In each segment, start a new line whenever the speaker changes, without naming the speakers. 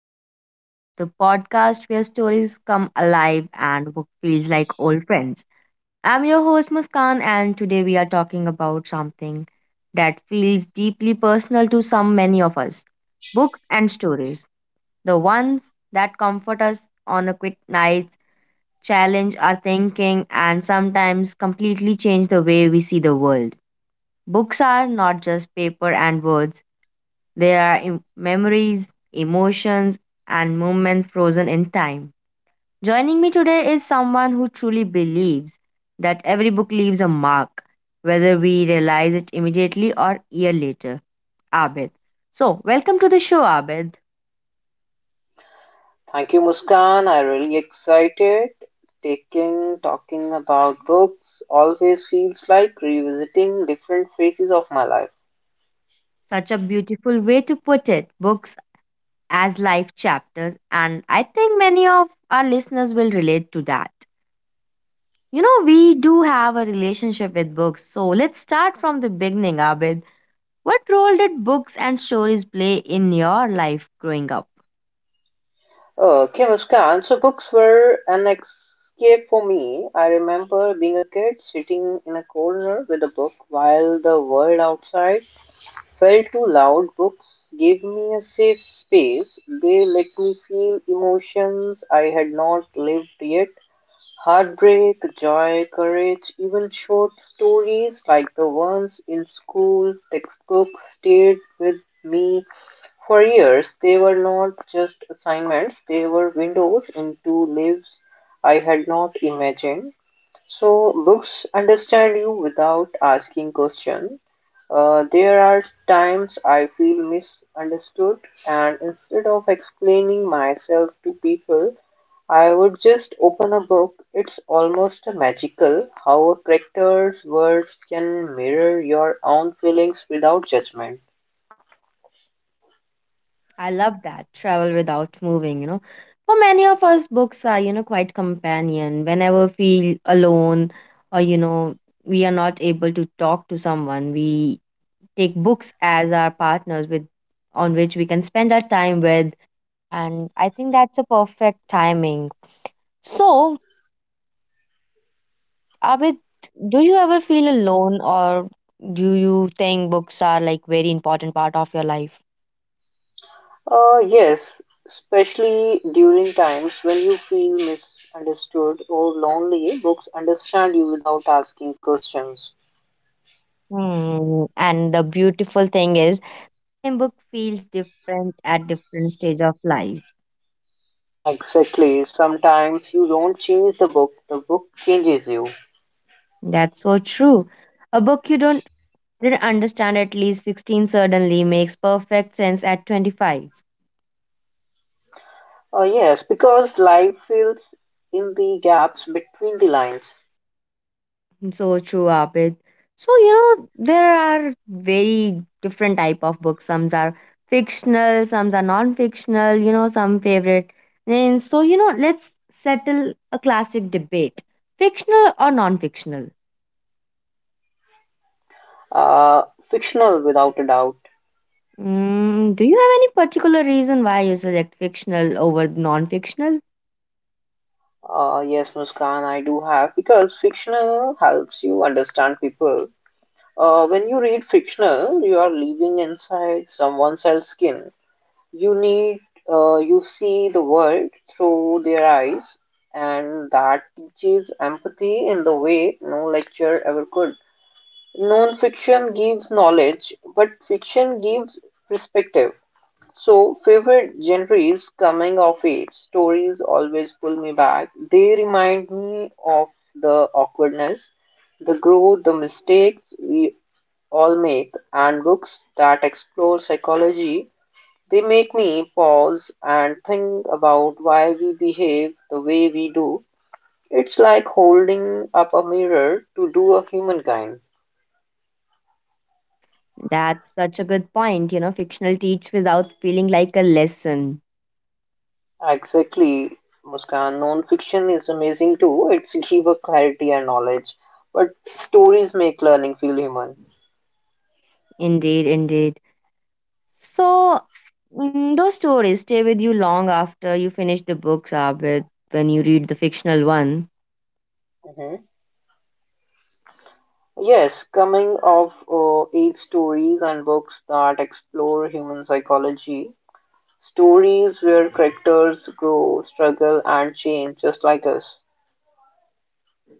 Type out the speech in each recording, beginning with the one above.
Between the Pages, the podcast where stories come alive and book feels like old friends. I'm your host, Muskan, and today we are talking about something that feels deeply personal to some many of us books and stories. The ones that comfort us on a quiet night, challenge our thinking, and sometimes completely change the way we see the world. Books are not just paper and words there are memories, emotions, and moments frozen in time. Joining me today is someone who truly believes that every book leaves a mark, whether we realize it immediately or year later. Abid. So, welcome to the show, Abid.
Thank you, Muskan. I really excited. Taking talking about books always feels like revisiting different phases of my life.
Such a beautiful way to put it. Books as life chapters, and I think many of our listeners will relate to that. You know, we do have a relationship with books, so let's start from the beginning, Abid. What role did books and stories play in your life growing up?
Okay, Muskan. So books were an escape for me. I remember being a kid, sitting in a corner with a book while the world outside felt too loud. Books gave me a safe space. They let me feel emotions I had not lived yet. Heartbreak, joy, courage, even short stories like the ones in school textbooks stayed with me for years. They were not just assignments, they were windows into lives I had not imagined. So books understand you without asking question. There are times I feel misunderstood, and instead of explaining myself to people, I would just open a book. It's almost magical how a character's words can mirror your own feelings without judgment.
I love that travel without moving, you know. For many of us, books are, you know, quite companion. Whenever we feel alone or, you know, we are not able to talk to someone, we take books as our partners with on which we can spend our time with. And I think that's a perfect timing. So, Abid, do you ever feel alone or do you think books are like very important part of your life?
Yes, especially during times when you feel misunderstood or lonely, books understand you without asking questions.
Hmm, and the beautiful thing is, a book feels different at different stage of life.
Exactly. Sometimes you don't change the book changes you.
That's so true. A book you don't didn't understand at least 16 suddenly makes perfect sense at 25.
Yes, because life fills in the gaps between the lines.
So true, Abid. So, you know, there are very different type of books. Some are fictional, some are non-fictional, you know, some favorite. And so, you know, let's settle a classic debate. Fictional or non-fictional?
Uh, Fictional, without a doubt.
Mm, do you have any particular reason why you select fictional over non-fictional?
Yes, Muskan, I do have because fictional helps you understand people. When you read fictional, you are living inside someone else's skin. You need, you see the world through their eyes, and that teaches empathy in the way no lecture ever could. Non-fiction gives knowledge, but fiction gives perspective. So, favorite genres coming of age stories always pull me back. They remind me of the awkwardness, the growth, the mistakes we all make, and books that explore psychology they make me pause and think about why we behave the way we do. It's like holding up a mirror to do of humankind.
That's such a good point. You know, fictional teach without feeling like a lesson.
Exactly, Muskan. Non-fiction is amazing too. It's give a clarity and knowledge, but stories make learning feel human.
Indeed, indeed. So, those stories stay with you long after you finish the books, Abid, when you read the fictional one.
Hmm. Yes, coming of age stories and books that explore human psychology, stories where characters grow, struggle, and change just like us.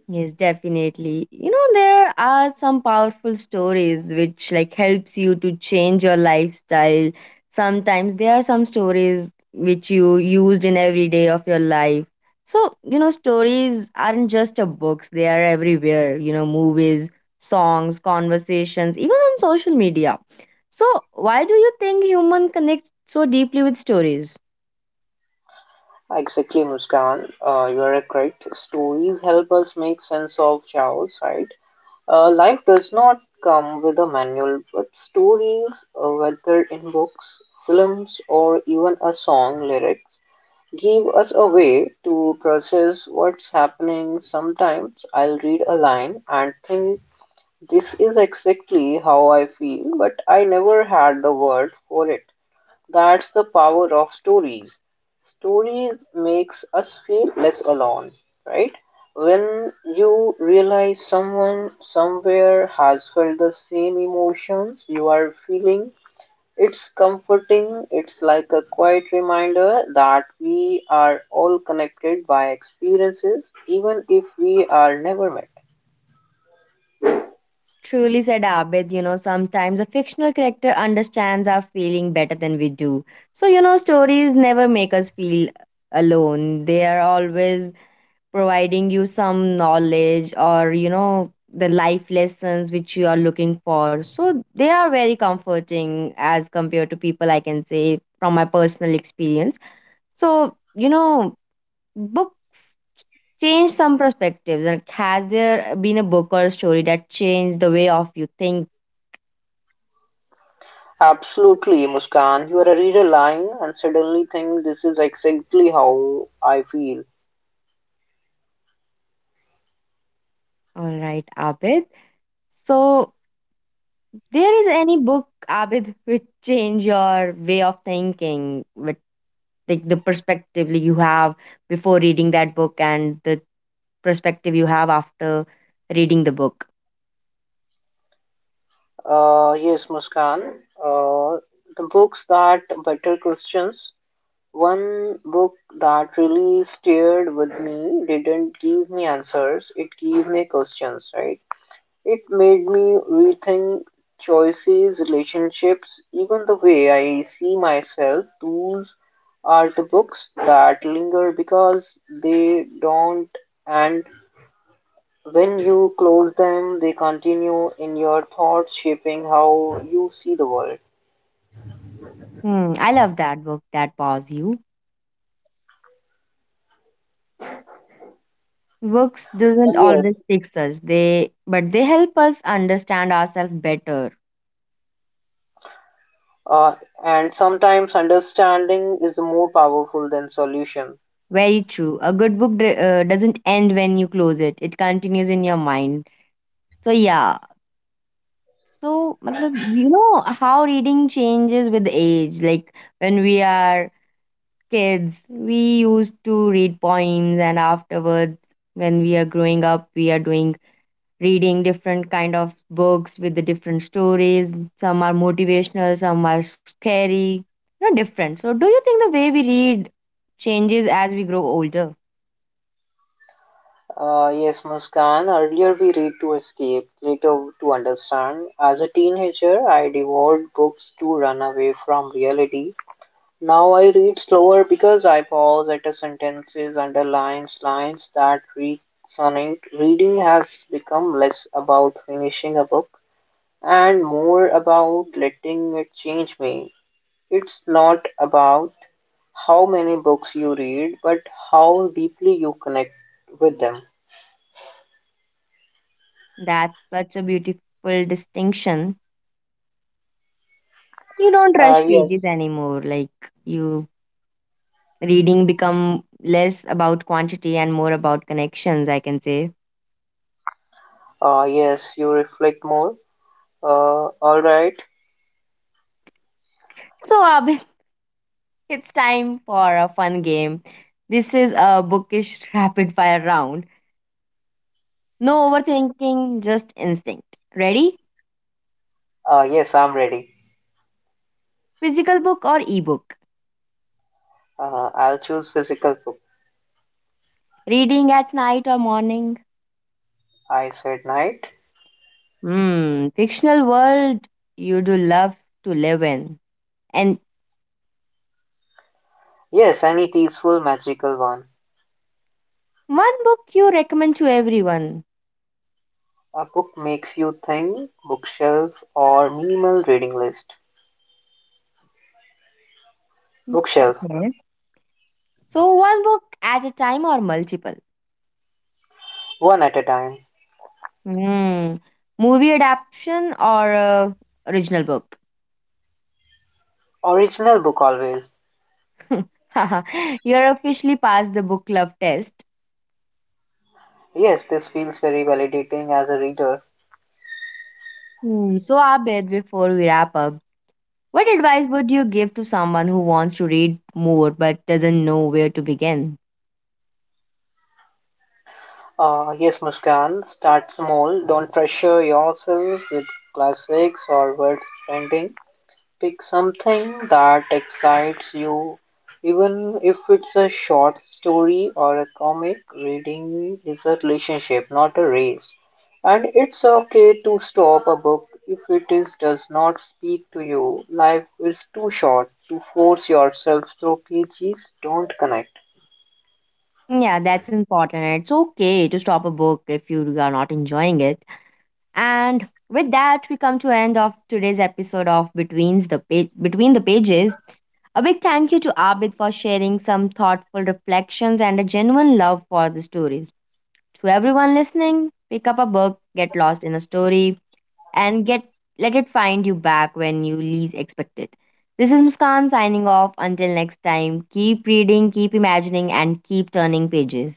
Yes, definitely. You know, there are some powerful stories which like helps you to change your lifestyle. Sometimes there are some stories which you used in every day of your life. So, you know, stories aren't just a books, they are everywhere, you know, movies, songs, conversations, even on social media. So, why do you think human connect so deeply with stories?
Exactly, Muskan. You are correct. Stories help us make sense of chaos, right? Life does not come with a manual, but stories, whether in books, films, or even a song lyrics, give us a way to process what's happening. Sometimes I'll read a line and think, this is exactly how I feel, but I never had the word for it. That's the power of stories. Stories makes us feel less alone, right? When you realize someone somewhere has felt the same emotions you are feeling, it's comforting. It's like a quiet reminder that we are all connected by experiences, even if we are never met.
Truly said Abid, you know, sometimes a fictional character understands our feeling better than we do. So, you know, stories never make us feel alone. They are always providing you some knowledge or, you know, the life lessons which you are looking for. So, they are very comforting as compared to people, I can say, from my personal experience. So, you know, books change some perspectives. And has there been a book or a story that changed the way of you think?
Absolutely, Muskan. You are a reader lying and suddenly think this is exactly how I feel.
All right, Abid. So, there is any book, Abid, which change your way of thinking, with like the perspective you have before reading that book and the perspective you have after reading the book.
Yes, Muskan. Uh, the books that better questions. One book that really stared with me didn't give me answers, it gave me questions, right? It made me rethink choices, relationships, even the way I see myself. Those are the books that linger because they don't end when you close them, they continue in your thoughts, shaping how you see the world.
Hmm, I love that book that paws you. Books doesn't
Yes,
always fix us, they but they help us understand ourselves better.
uh, and sometimes understanding is more powerful than solution.
Very true. A good book doesn't end when you close it; it continues in your mind. So yeah, so, matlab, you know how reading changes with age. Like when we are kids, we used to read poems, and afterwards, when we are growing up, we are doing reading different kind of books with the different stories. Some are motivational, some are scary, you know, different. So, do you think the way we read changes as we grow older?
Yes, Muskan, earlier we read to escape, later to understand. As a teenager, I devoured books to run away from reality. Now I read slower because I pause at a sentences, underlines lines that resonate. Reading has become less about finishing a book and more about letting it change me. It's not about how many books you read, but how deeply you connect with them.
That's such a beautiful distinction. You don't rush pages
Yes.
anymore, like you reading become less about quantity and more about connections, I can say.
Yes, you reflect more. All right.
So, Abhin, it's time for a fun game. This is a bookish rapid fire round. No overthinking, just instinct. Ready?
Yes, I'm ready.
Physical book or ebook?
I'll choose physical book.
Reading at night or morning?
I said night.
Hmm, fictional world you do love to live in. And
Yes, any peaceful, magical one.
one book you recommend to everyone.
A book makes you think, bookshelf or minimal reading list. Bookshelf,
Okay. So, one book at a time or multiple?
one at a time.
Mm. Movie adaptation or original book?
Original book always.
You're officially past the book club test.
Yes, this feels very validating as a reader.
Hmm. So, Abed, before we wrap up, what advice would you give to someone who wants to read more but doesn't know where to begin?
Yes, Muskan, start small. Don't pressure yourself with classics or words trending. Pick something that excites you, even if it's a short story or a comic. Reading is a relationship, not a race. And it's okay to stop a book if it is does not speak to you. Life is too short to force yourself through pages don't connect.
Yeah, that's important. It's okay to stop a book if you are not enjoying it. And with that, we come to end of today's episode of Between the Pages. A big thank you to Abid for sharing some thoughtful reflections and a genuine love for the stories. To everyone listening, pick up a book, get lost in a story, and get let it find you back when you least expect it. This is Muskan signing off. Until next time, keep reading, keep imagining, and keep turning pages.